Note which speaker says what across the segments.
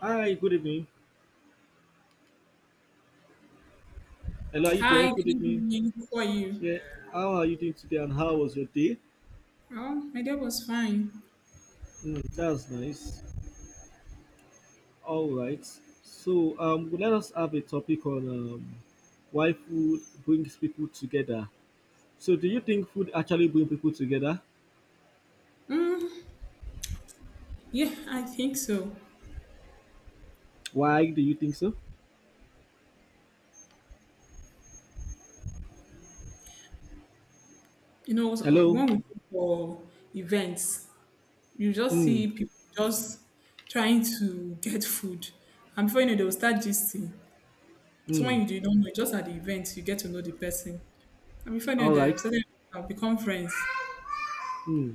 Speaker 1: Hi, good evening. Hello, are you there?
Speaker 2: Hi,
Speaker 1: Good
Speaker 2: good
Speaker 1: evening.
Speaker 2: evening. How are you?
Speaker 1: Yeah, how are you doing today and how was your day?
Speaker 2: Oh, my day was fine.
Speaker 1: Mm, that's nice. All right. So, let us have a topic on why food brings people together. So, do you think food actually brings people together?
Speaker 2: Mm, yeah, I think so.
Speaker 1: Why do you think so?
Speaker 2: So
Speaker 1: Hello?
Speaker 2: when we go for events, you just
Speaker 1: Mm,
Speaker 2: see people just trying to get food. And before you know, they'll start gisting.
Speaker 1: mm,
Speaker 2: Someone you don't know, just at the event, you get to know the person. And before you
Speaker 1: all
Speaker 2: know, they've
Speaker 1: right.
Speaker 2: started have become friends.
Speaker 1: Hmm.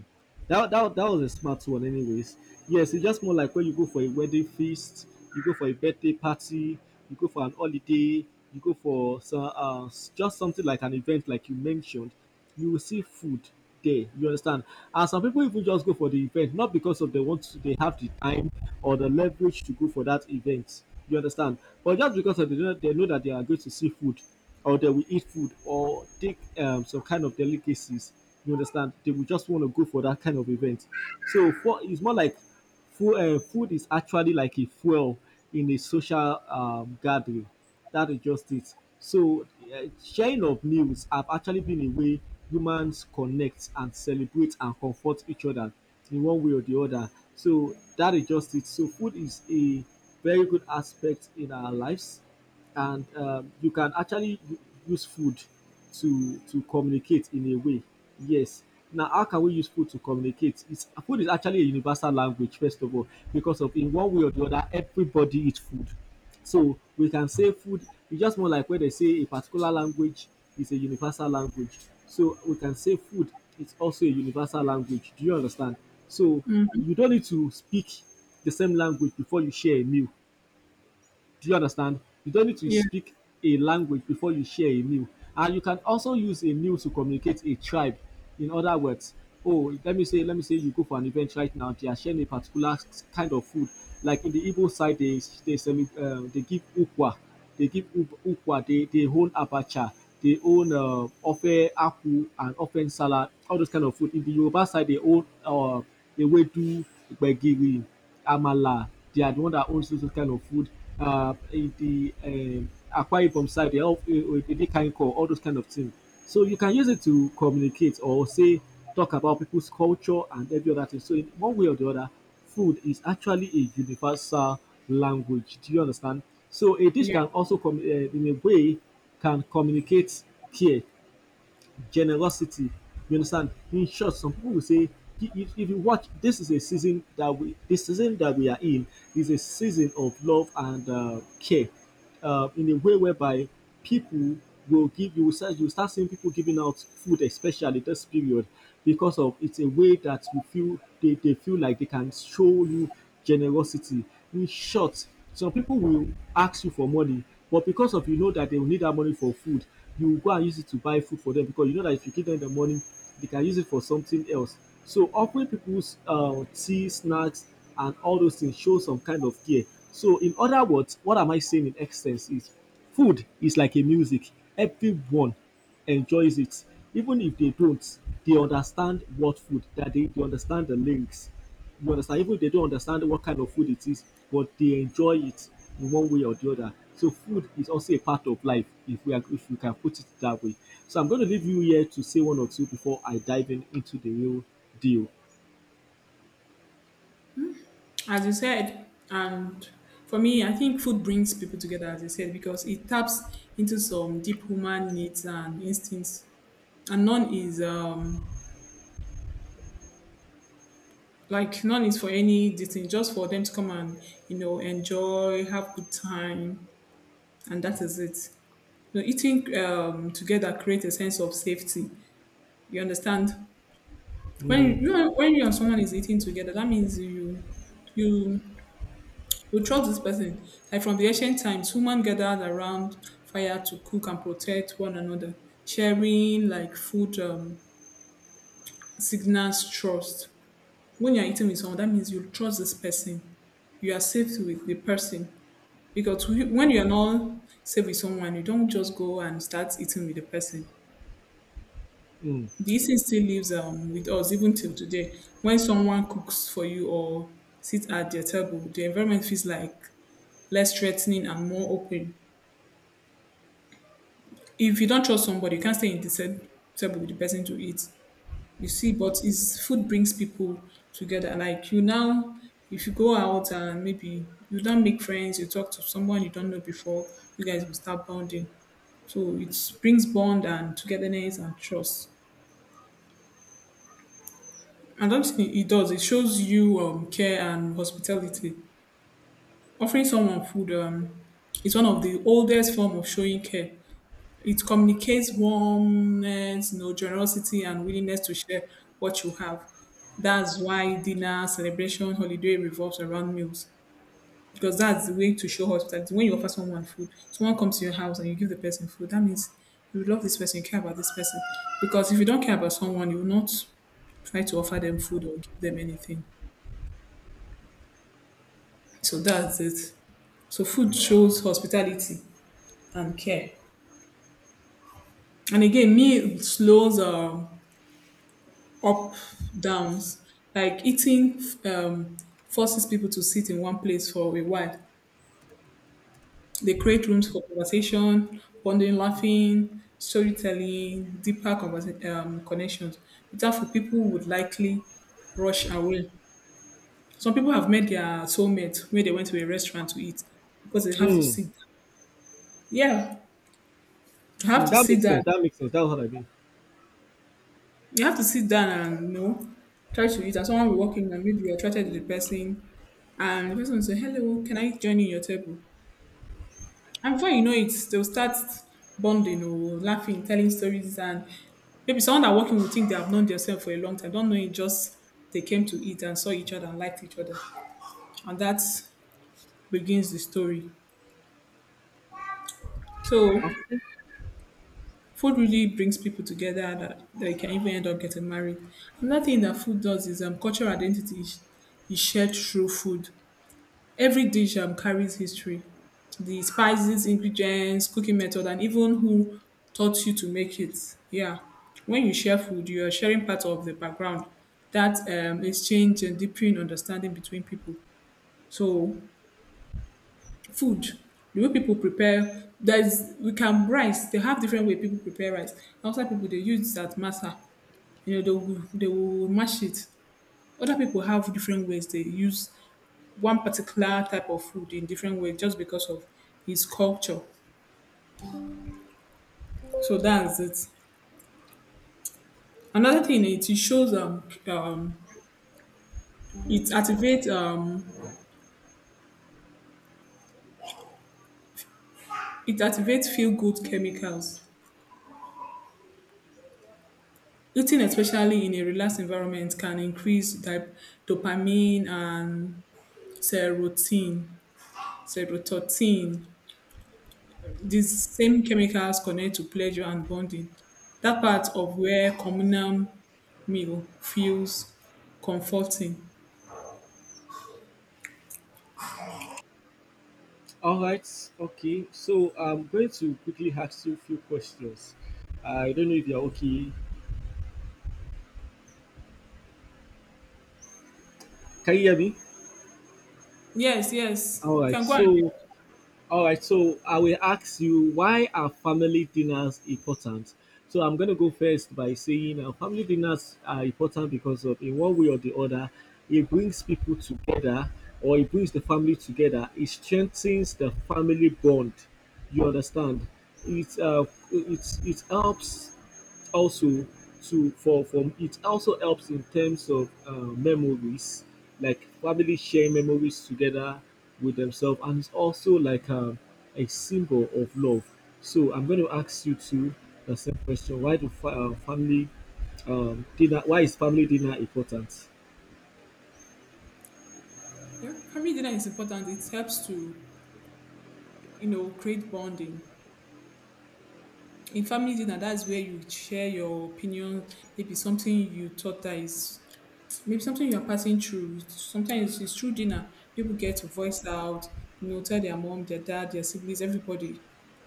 Speaker 1: That was a smart one, anyways. Yes, it's just more like when you go for a wedding feast, you go for a birthday party, you go for an holiday, you go for some, just something like an event, like you mentioned. You will see food there. You understand? And some people even just go for the event, not because of they want to, they have the time or the leverage to go for that event. You understand? But just because of they know that they are going to see food, or they will eat food, or take some kind of delicacies you understand? They will just want to go for that kind of event. So for it's more like food is actually like a fuel in a social gathering. That is just it. So sharing of meals have actually been a way humans connect and celebrate and comfort each other in one way or the other. So that is just it. So food is a very good aspect in our lives and you can actually use food to communicate in a way. Yes, now how can we use food to communicate? It's food is actually a universal language, first of all, because of in one way or the other everybody eats food. So we can say food, it's just more like when they say a particular language is a universal language, so we can say food is also a universal language. Do you understand? So
Speaker 2: Mm,
Speaker 1: you don't need to speak the same language before you share a meal, do you understand? You don't need to
Speaker 2: yeah,
Speaker 1: speak a language before you share a meal. And you can also use a meal to communicate a tribe. In other words, oh, let me say you go for an event right now, they are sharing a particular kind of food. Like in the Igbo side, semi, they give ukwa, they give Ukwa, they own abacha, they own ofe aku and ofe salad, all those kind of food. In the Yoruba side, they own ewedu, gbegiri, amala. They are the one that owns those kind of food. In the Akwa Ibom side, they all they can call all those kind of things. So you can use it to communicate or say talk about people's culture and every other thing. So in one way or the other, food is actually a universal language. Do you understand? So a dish can also come in a way, can communicate care, generosity. You understand? In short, some people will say, "If- you watch, this is a season that we, this season that we are in, is a season of love and care, in a way whereby people will give you will start you start seeing people giving out food, especially this period, because of it's a way that you feel they feel like they can show you generosity. In short, some people will ask you for money, but because of you know that they will need that money for food, you go and use it to buy food for them because you know that if you give them the money, they can use it for something else. So offering people's tea, snacks, and all those things shows some kind of care. So in other words, what am I saying in essence is food is like a music. Everyone enjoys it. Even if they don't, they understand what food they understand the links. You understand? Even if they don't understand what kind of food it is, but they enjoy it in one way or the other. So food is also a part of life if we are, if we can put it that way. So I'm going to leave you here to say one or two before I dive in into the real deal.
Speaker 2: as you said, and for me, I think food brings people together, as you said, because it taps into some deep human needs and instincts, and none is for any thing, just for them to come and enjoy, have good time, and that is it. So eating together creates a sense of safety. You understand, when
Speaker 1: Mm,
Speaker 2: you when you and someone is eating together, that means you You trust this person. Like from the ancient times, women gathered around fire to cook and protect one another, sharing like food signals trust. When you're eating with someone, that means you trust this person. You are safe with the person. Because when you're not safe with someone, you don't just go and start eating with the person.
Speaker 1: mm,
Speaker 2: The eating still lives with us even till today. When someone cooks for you or sits at their table, the environment feels like less threatening and more open. If you don't trust somebody, you can't stay in the same table with the person to eat. You see, but it's food brings people together. Like you now, if you go out and maybe you don't make friends, you talk to someone you don't know before, you guys will start bonding. So it brings bond and togetherness and trust. I don't think it does. It shows you care and hospitality. Offering someone food is one of the oldest form of showing care. It communicates warmness, generosity and willingness to share what you have. That's why dinner, celebration, holiday revolves around meals. Because that's the way to show hospitality. When you offer someone food, someone comes to your house and you give the person food, that means you love this person, you care about this person. Because if you don't care about someone, you will not try to offer them food or give them anything. So that's it. So food shows hospitality and care. And again, meal slows up downs, like eating forces people to sit in one place for a while. They create rooms for conversation, bonding, laughing, storytelling, deeper connections. Without food, people would likely rush away. Some people have met their soulmate when they went to a restaurant to eat, because they have to
Speaker 1: mm,
Speaker 2: sit. Yeah, they have
Speaker 1: mm.
Speaker 2: to
Speaker 1: That makes
Speaker 2: sit down.
Speaker 1: sense. That makes sense. That's what I mean.
Speaker 2: You have to sit down and try to eat. And someone will walk in and maybe you're attracted to the person. And the person will say, "Hello, can I join you in your table?" And before you know it, they'll start bonding or laughing, telling stories. And maybe someone that walking will think they have known themselves for a long time. Don't know it, just they came to eat and saw each other and liked each other. And that begins the story. So
Speaker 1: Okay.
Speaker 2: food really brings people together, that they can even end up getting married. Another thing that food does is cultural identity is shared through food. Every dish carries history, the spices, ingredients, cooking method, and even who taught you to make it. Yeah, when you share food, you are sharing part of the background that exchange and deepen understanding between people. So, food, the way people prepare, there's we can rice. They have different way people prepare rice. Outside people they use that masa. They will mash it. Other people have different ways they use one particular type of food in different way, just because of his culture. So that's it. Another thing is it shows it activates um it activates feel good chemicals. Eating, especially in a relaxed environment, can increase dopamine and serotonin. Serotonin. These same chemicals connect to pleasure and bonding. That part of where communal meal feels comforting.
Speaker 1: All right. Okay. So I'm going to quickly ask you a few questions. I don't know if you're okay. Can you hear me?
Speaker 2: Yes, yes.
Speaker 1: All
Speaker 2: You
Speaker 1: right.
Speaker 2: can go and,
Speaker 1: So, all right. So I will ask you, why are family dinners important? So I'm going to go first by saying family dinners are important because of in one way or the other, it brings people together or it brings the family together. It strengthens the family bond. You understand? It uh, it helps also to for from it also helps in terms of memories, like family sharing memories together with themselves, and it's also like a symbol of love. So I'm going to ask you too the same question. Family dinner, why is family dinner important?
Speaker 2: yeah, family dinner is important. It helps to create bonding. In family dinner, that's where you share your opinion, maybe something you thought that is, maybe something you are passing through. Sometimes it's through dinner. People get to voice out, tell their mom, their dad, their siblings, everybody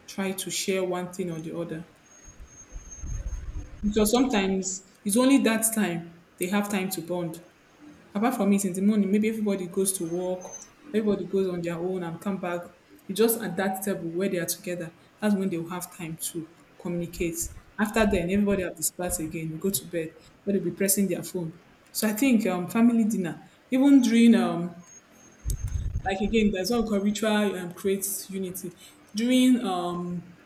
Speaker 2: try to share one thing or the other. Because sometimes it's only that time they have time to bond. Apart from it, in the morning, maybe everybody goes to work, everybody goes on their own and come back. You just at that table where they are together. That's when they will have time to communicate. After then, everybody have dispersed again. You go to bed, but they'll be pressing their phone. So I think family dinner, even during like again, that's all called ritual, creates unity. During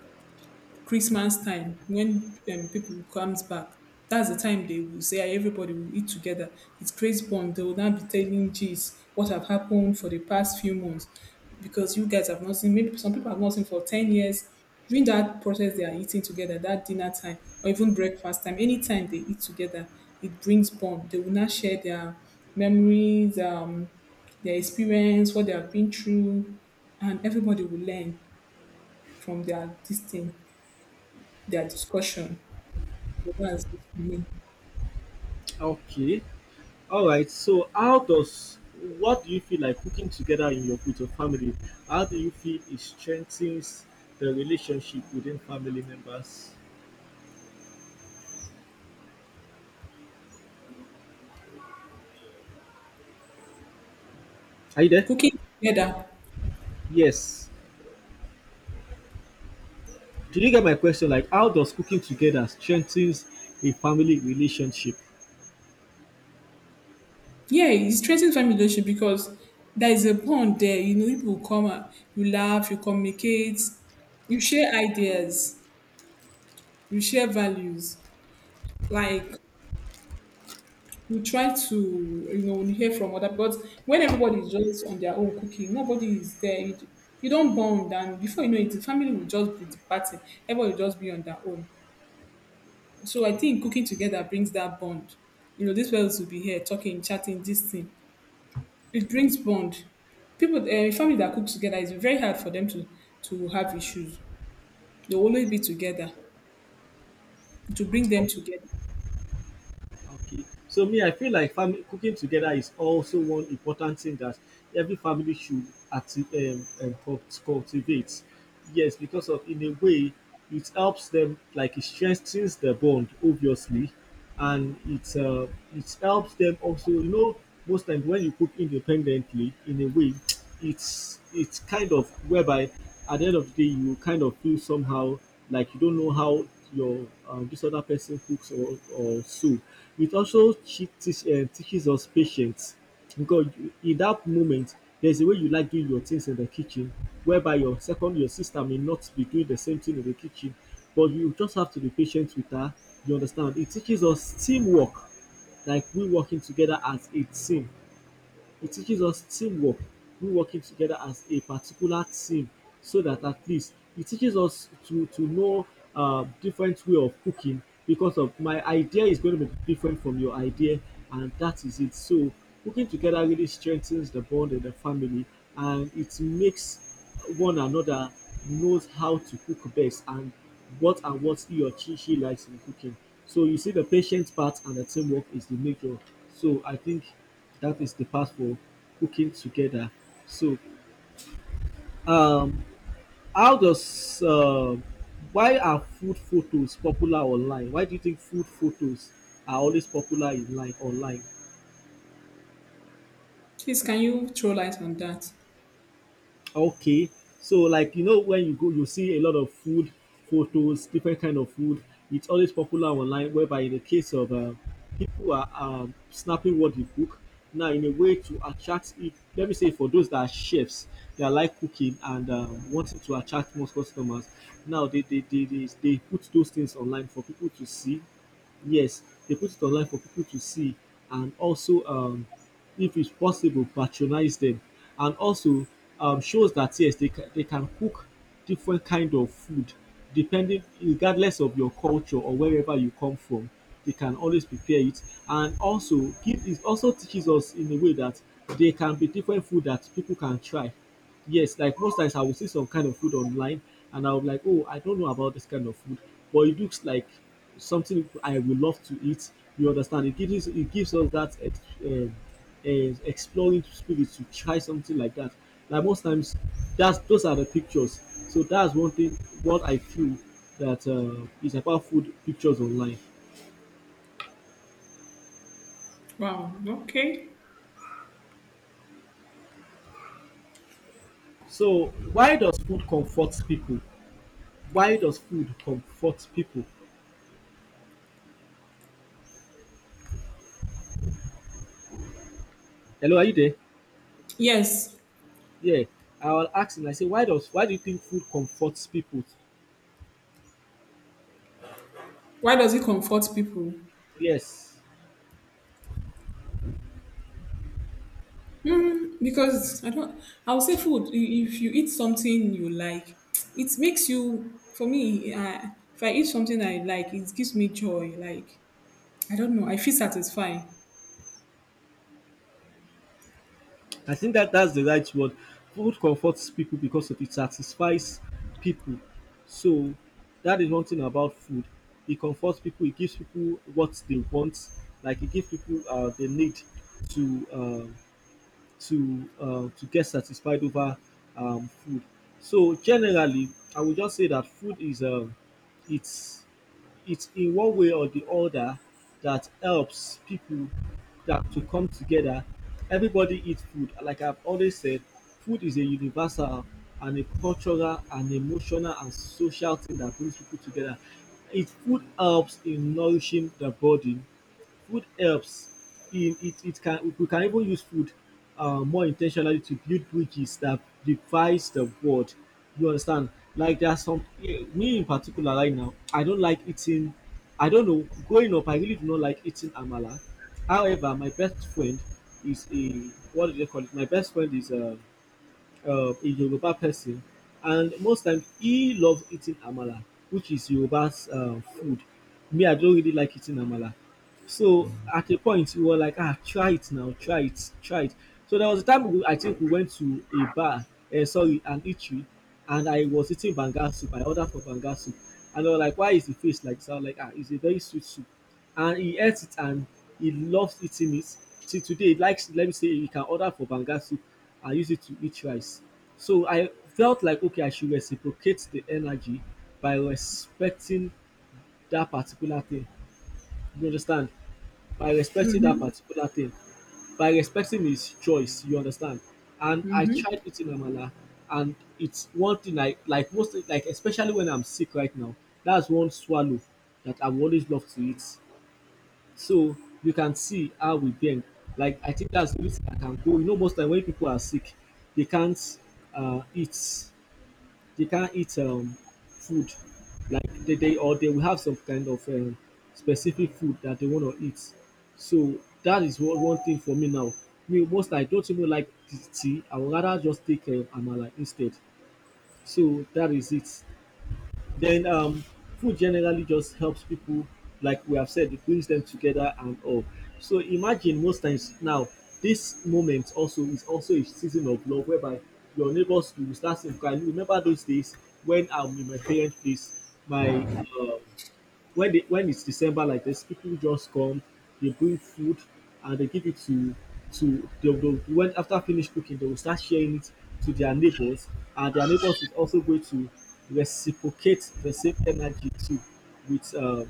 Speaker 2: Christmas time when people comes back. That's the time they will say, "Ah, everybody will eat together." It creates bond. They will now be telling geez what have happened for the past few months, because you guys have not seen. Maybe some people have not seen for 10 years. During that process, they are eating together. That dinner time or even breakfast time. Anytime they eat together, it brings bond. They will now share their memories, their experience, what they have been through, and everybody will learn from their this thing, their discussion. So that's it for me.
Speaker 1: Okay, all right. So how does, what do you feel like cooking together in your with your family, how do you feel it strengthens the relationship within family members? Are you there?
Speaker 2: Cooking together.
Speaker 1: Yes. Did you get my question? Like, how does cooking together strengthens a family relationship?
Speaker 2: Yeah, it strengthens family relationship because there is a bond there. People will come and you laugh, you communicate, you share ideas, you share values. Like you try to hear from other, but when everybody is just on their own cooking, nobody is there. You don't bond, and before you know it, the family will just be departing. Everybody will just be on their own. So I think cooking together brings that bond. These fellows will be here talking, chatting, this thing. It brings bond. People, a family that cooks together is very hard for them to have issues. They'll always be together, to bring them together.
Speaker 1: Okay. So me, I feel like family cooking together is also one important thing that every family should acti- cultivate. Yes, because of in a way, it helps them like it strengthens the bond, obviously, and it helps them also. You know, most times when you cook independently, in a way, it's kind of whereby at the end of the day you kind of feel somehow like you don't know how your this other person cooks, or so. It also teaches us patience because in that moment there's a way you like doing your things in the kitchen whereby your sister may not be doing the same thing in the kitchen, but you just have to be patient with her. You understand? It teaches us teamwork, like we working together as a team. It teaches us teamwork, we working together as a particular team, so that at least it teaches us to know different way of cooking because of my idea is going to be different from your idea. And that is it. So working together really strengthens the bond in the family, and it makes one another knows how to cook best and what he or she likes in cooking. So you see the patience part and the teamwork is the major. So I think that is the part for cooking together. So um how does why are food photos popular online? Why do you think food photos are always popular in line online?
Speaker 2: Please, can you throw light on that?
Speaker 1: Okay. So like you know when you go you see a lot of food photos, different kind of food. It's always popular online whereby in the case of people are snapping what they cook. Now in a way to attract it, let me say for those that are chefs, they are like cooking and wanting to attract more customers. Now they put those things online for people to see. Yes, they put it online for people to see, and also if it's possible patronize them, and also shows that yes they can cook different kind of food depending regardless of your culture or wherever you come from, they can always prepare it. And also give it also teaches us in a way that there can be different food that people can try. Yes, like most times I will see some kind of food online and I'll be like, oh, I don't know about this kind of food, but it looks like something I will love to eat. You understand? It gives us that exploring spirit to try something like that. Like most times, that's those are the pictures. So that's one thing what I feel that is about food pictures online.
Speaker 2: Wow. Okay.
Speaker 1: So why does food comfort people? Why does food comfort people? Hello, are you there?
Speaker 2: Yes.
Speaker 1: Yeah, I will ask him. I say, why do you think food comforts people?
Speaker 2: Why does it comfort people?
Speaker 1: Yes,
Speaker 2: Because I don't. I will say food. If you eat something you like, it makes you. For me, if I eat something I like, it gives me joy. Like, I don't know. I feel satisfied.
Speaker 1: I think that that's the right word. Food comforts people because of it satisfies people. So that is one thing about food. It comforts people. It gives people what they want. Like it gives people the need to uh, to get satisfied over food. So generally, I would just say that food is it's it's in one way or the other that helps people that to come together. Everybody eats food. Like I've always said, food is a universal and a cultural and emotional and social thing that brings people together. It Food helps in nourishing the body, food helps in it it can we can even use food more intentionally to build bridges that divides the world, you understand. Like there are some me in particular right now, I don't like eating. I don't know, growing up I really do not like eating amala. However, my best friend is a, what do they call it my best friend is a Yoruba person, and most times he loves eating amala, which is Yoruba's food. Me, I don't really like eating amala. So at a point we were like, ah, try it now, try it, try it. So there was a time we, I think we went to a bar, sorry, an eatery, and I was eating banga soup. I ordered for banga soup, and they were like, why is the face like that? I'm like, ah, it's a very sweet soup, and he ate it, and he loves eating it. Till today, he likes. Let me say, he can order for banga soup and use it to eat rice. So I felt like okay, I should reciprocate the energy by respecting that particular thing. You understand? By respecting that
Speaker 2: Mm-hmm.
Speaker 1: particular thing, by respecting his choice, you understand. And I tried eating amala, and it's one thing I like most, like especially when I'm sick right now. That's one swallow that I've always loved to eat. So you can see how we bend. Like I think that's the reason I can go. You know, most time when people are sick, they can't eat, they can't eat food, like they or they will have some kind of specific food that they want to eat. So that is one thing for me now. Me most, I don't even like tea. I would rather just take amala instead. So that is it. Then food generally just helps people, like we have said, it brings them together and all. So imagine most times now, this moment also is also a season of love, whereby your neighbors, you will start saying, "Can you remember those days when in my parents' place, my when when it's December like this, people just come, they bring food, and they give it to they will when after finish cooking, they will start sharing it to their neighbors, and their neighbors is also going to reciprocate the same energy too with um,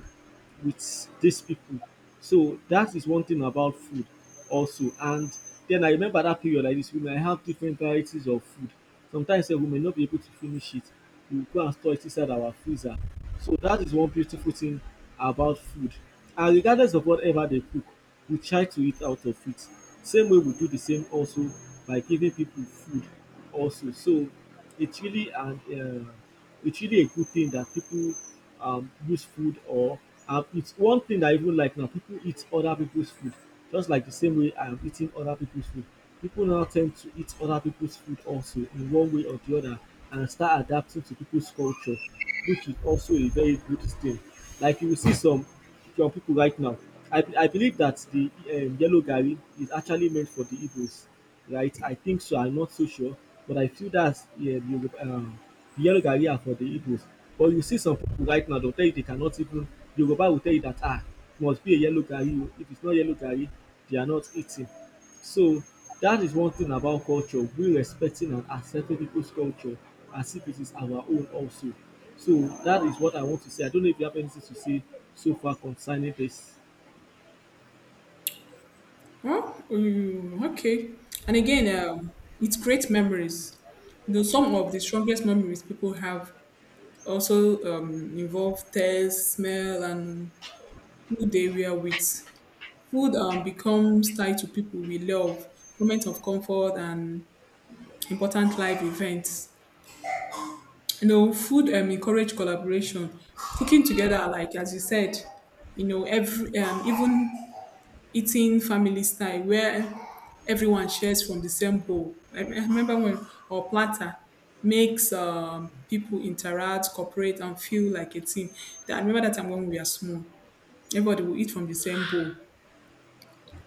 Speaker 1: with these people. So that is one thing about food also. And then I remember that period like this, we might have different varieties of food. Sometimes sef we may not be able to finish it. We will go and store it inside our freezer. So that is one beautiful thing about food. And regardless of whatever they cook, we try to eat out of it. Same way we do the same also by giving people food also. So it's really an it's really a good thing that people use food, or it's one thing that I even like now. People eat other people's food, just like the same way I am eating other people's food. People now tend to eat other people's food also in one way or the other and start adapting to people's culture, which is also a very good thing. Like you will see some from people right now. I believe that the yellow gari is actually meant for the Igbos, right? I think so. I'm not so sure, but I feel that's, yeah, the yellow gari are for the Igbos. But you see some people right now, they'll tell you they cannot even. Yoruba will tell you that ah, it must be a yellow gari. Oh. If it's not yellow gari, they are not eating. So that is one thing about culture. We respecting and accepting people's culture as if it is our own also. So that is what I want to say. I don't know if you have anything to say so far concerning this.
Speaker 2: Oh, mm, okay. And again, it's great memories. Though some of the strongest memories people have also involve taste, smell, and who they were with. Food becomes tied to people we love, moments of comfort, and important life events. Food encourage collaboration, cooking together. Like as you said, every even eating family style where everyone shares from the same bowl. I remember when or platter makes people interact, cooperate, and feel like a team. I remember that time when we were small, everybody will eat from the same bowl,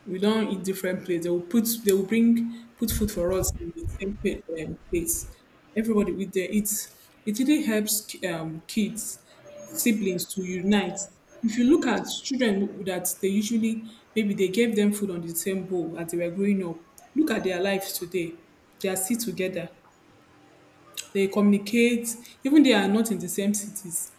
Speaker 2: we don't eat different plates. They will put, they will bring put food for us in the same plates. Everybody with there. It really helps kids, siblings to unite. If you look at children that they usually, maybe they gave them food on the same bowl as they were growing up. Look at their lives today. They are still together. They communicate, even they are not in the same cities.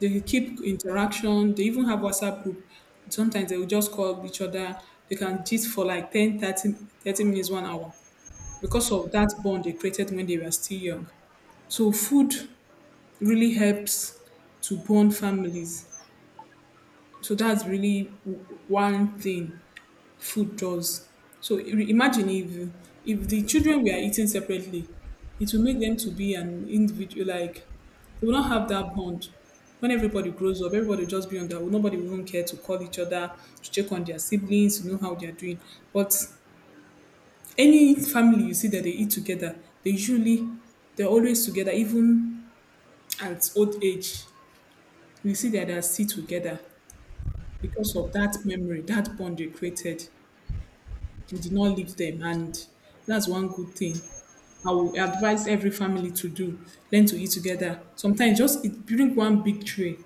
Speaker 2: They keep interaction. They even have WhatsApp group. Sometimes they will just call each other. They can gist for like 10, 30, 30 minutes, 1 hour, because of that bond they created when they were still young. So food really helps to bond families. So that's really one thing food does. So imagine if the children were eating separately, it will make them to be an individual. Like they will not have that bond. When everybody grows up, everybody will just be on their own. Nobody will even care to call each other, to check on their siblings, to know how they are doing. But any family you see that they eat together, they usually they're always together, even at old age. You see that they are still together because of that memory, that bond they created. We did not leave them, and that's one good thing I will advise every family to do: learn to eat together. Sometimes just eat, bring one big tray,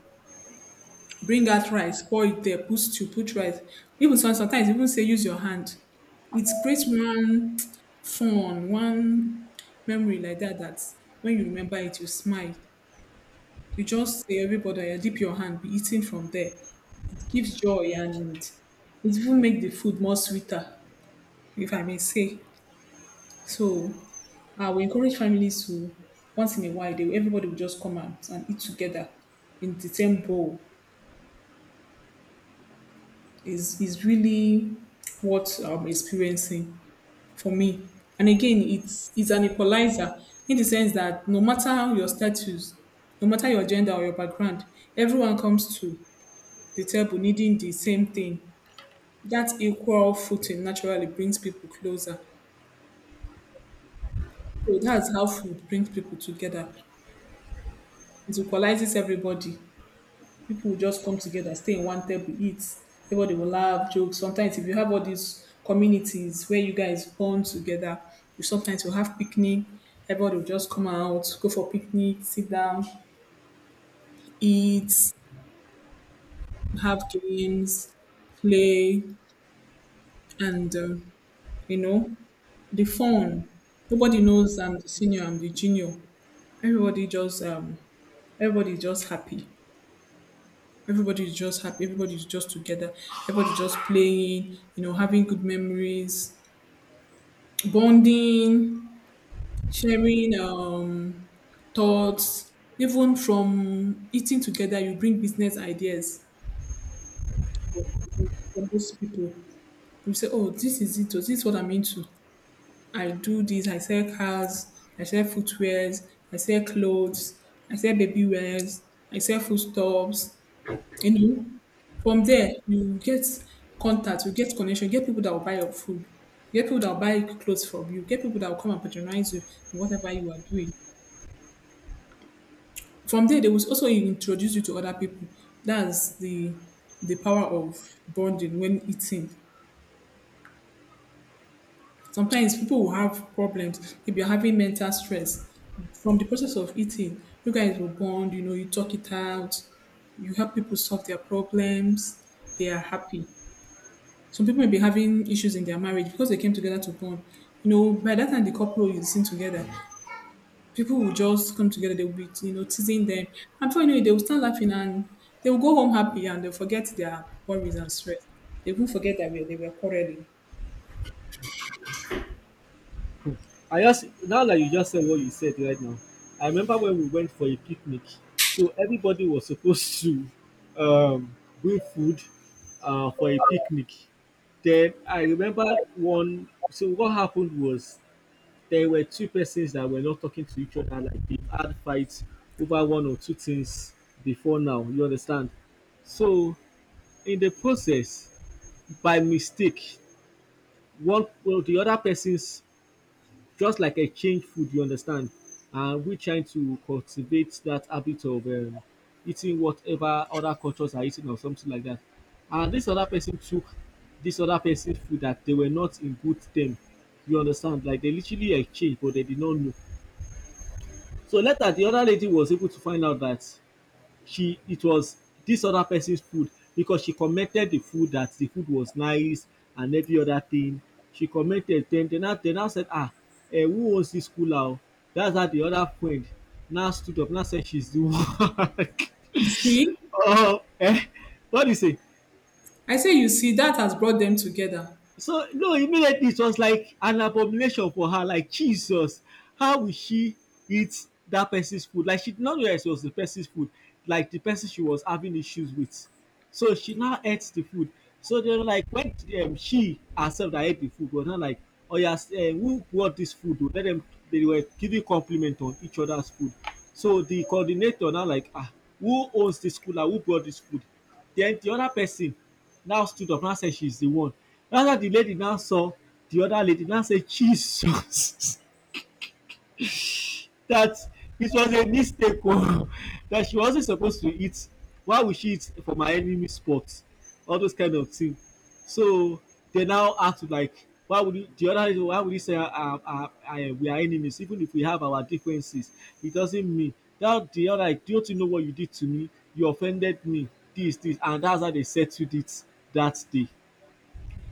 Speaker 2: bring out rice, pour it there, put stew, put rice. Even sometimes even say use your hand. It creates one fun, one memory like that, that when you remember it you smile. You just say everybody, "Oya, dip your hand be eating from there." It gives joy, and it will make the food more sweeter, if I may say. So we encourage families to once in a while, they everybody will just come out and eat together in the same bowl. Is really what I'm experiencing for me. And again, it's an equalizer, in the sense that no matter your status, no matter your gender or your background, everyone comes to the table needing the same thing. That equal footing naturally brings people closer. So that's how food brings people together. It equalizes everybody. People will just come together, stay in one table, eat. Everybody will laugh, joke. Sometimes if you have all these communities where you guys bond together, you sometimes will have picnic. Everybody will just come out, go for picnic, sit down, eat, have games, play, and you know the fun. Nobody knows I'm the senior, I'm the junior. Everybody just everybody is just happy. Everybody is just happy. Everybody is just together. Everybody just playing. Having good memories, bonding, sharing thoughts. Even from eating together, you bring business ideas from those people. You say, "Oh, this is it. Oh, this is what I'm into. I do this. I sell cars. I sell footwears. I sell clothes. I sell baby wears. I sell foodstuffs." And from there, you get contact, you get connection, you get people that will buy your food, you get people that will buy clothes from you, you get people that will come and patronize you in whatever you are doing. From there, they will also introduce you to other people. That's the power of bonding when eating. Sometimes people will have problems. If you're having mental stress, from the process of eating, you guys will bond, you talk it out, you help people solve their problems, they are happy. Some people may be having issues in their marriage because they came together to bond. By that time the couple is seen together, people will just come together, they'll be teasing them. And before you know it, they will start laughing, and they will go home happy, and they'll forget their worries and stress. They will forget that they were quarreling.
Speaker 1: I just, now that you just said what you said right now, I remember when we went for a picnic. So everybody was supposed to um, bring food for a picnic. Then I remember one. So what happened was there were two persons that were not talking to each other, like they've had fights over one or two things before now, you understand. So in the process, by mistake, one well the other person's, just like, exchange food, you understand. And we trying to cultivate that habit of eating whatever other cultures are eating or something like that, and this other person took this other person's food that they were not in good term. You understand, like they literally exchange but they did not know. So later, the other lady was able to find out that she it was this other person's food, because she commented the food, that the food was nice and every other thing. She commented, then they now said, ah, eh, who owns this cooler? That's how the other friend now stood up, now said she's the one.
Speaker 2: You see?
Speaker 1: Oh, eh, what do you say?
Speaker 2: I say, you see, that has brought them together.
Speaker 1: So no, immediately it was like an abomination for her. Like Jesus, how will she eat that person's food? Like she did not realize it was the person's food, like the person she was having issues with. So she now ate the food. So they were like, when she herself that ate the food was not like, oh yes, who brought this food? Oh? Let them. They were giving compliment on each other's food. So the coordinator now like, ah, who owns this school? Like, who brought this food? Then the other person now stood up, now said she's the one. After the lady now saw the other lady, now said, Jesus, that this was a mistake, that she wasn't supposed to eat. Why would she eat for my enemy's spot? All those kind of things. So they now act like, why would you, the other lady, why would you say, we are enemies? Even if we have our differences, it doesn't mean that the other, like, don't you know what you did to me? You offended me, this, and that's how they settled it that day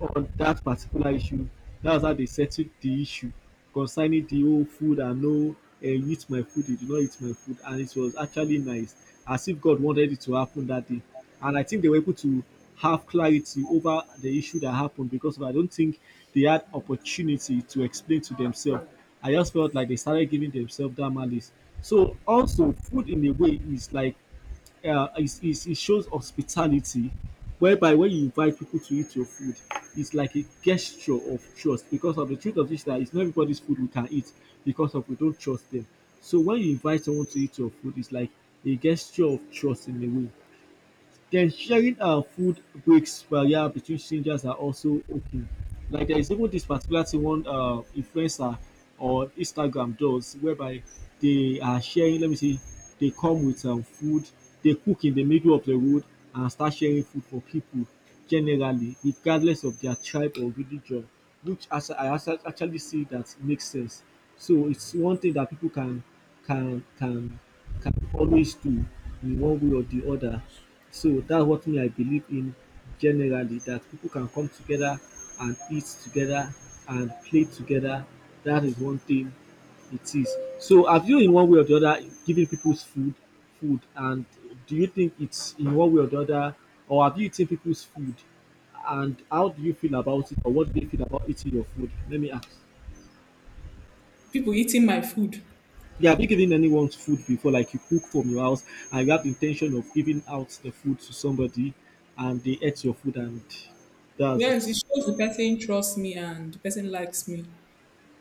Speaker 1: on that particular issue. That's how they settled the issue concerning the whole food and no, you eat my food, you did not eat my food. And it was actually nice, as if God wanted it to happen that day. And I think they were able to have clarity over the issue that happened, because I don't think they had opportunity to explain to themselves. I just felt like they started giving themselves that malice. So also, food in a way is like is, it shows hospitality, whereby when you invite people to eat your food, it's like a gesture of trust, because of the truth of this, that it's not everybody's food we can eat because of we don't trust them. So when you invite someone to eat your food, it's like a gesture of trust in a way. Then sharing food breaks, well, yeah, between strangers are also okay. Like there is even this particular thing one influencer on Instagram does, whereby they are sharing. Let me see, they come with food, they cook in the middle of the road and start sharing food for people generally, regardless of their tribe or religion, which as I actually see, that makes sense. So it's one thing that people can can can always do in one way or the other. So that's what me I believe in generally, that people can come together and eat together and play together. That is one thing it is. So have you, in one way or the other, given people's food, and do you think it's in one way or the other, or have you eaten people's food, and how do you feel about it, or what do you feel about eating your food? Let me ask.
Speaker 2: People eating my food.
Speaker 1: Yeah, have you given anyone's food before, like you cook from your house and you have the intention of giving out the food to somebody and they ate your food, and that's
Speaker 2: Yes, it
Speaker 1: it.
Speaker 2: shows the person trusts me and the person likes me.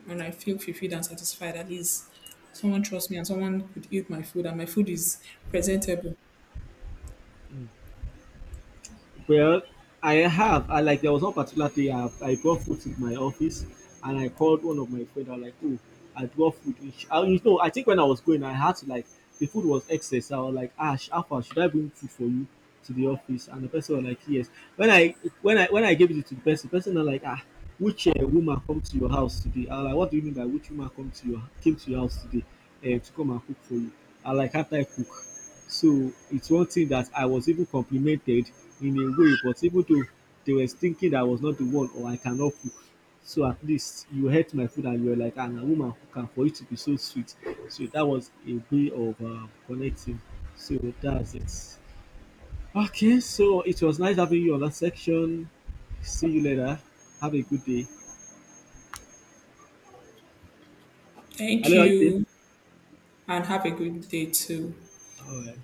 Speaker 2: And I feel fulfilled and satisfied. At least someone trusts me and someone could eat my food and my food is presentable.
Speaker 1: Well, I have. I like there was one particular day I brought food to my office, and I called one of my friends. I was like, "Oh, I brought food." And she- I, you know, I think when I was going, I had to, like, the food was excess. I was like, "Ash, Alpha, should I bring food for you to the office?" And the person was like, "Yes." When I when I gave it to the person was like, "Ah, which woman come to your house today?" I was like, "What do you mean by which woman come to your came to your house today to come and cook for you?" I was like, "After I cook." So it's one thing that I was even complimented in a way, but even though they were thinking that I was not the one or I cannot cook. So at least you ate my food, and you were like, "Ah, a woman cook am for it to be so sweet." So that was a way of connecting. So that's it. Okay, so it was nice having you on that section. See you later. Have a good day.
Speaker 2: Thank
Speaker 1: Hello, are you there?
Speaker 2: you, and have a good day too.
Speaker 1: All right.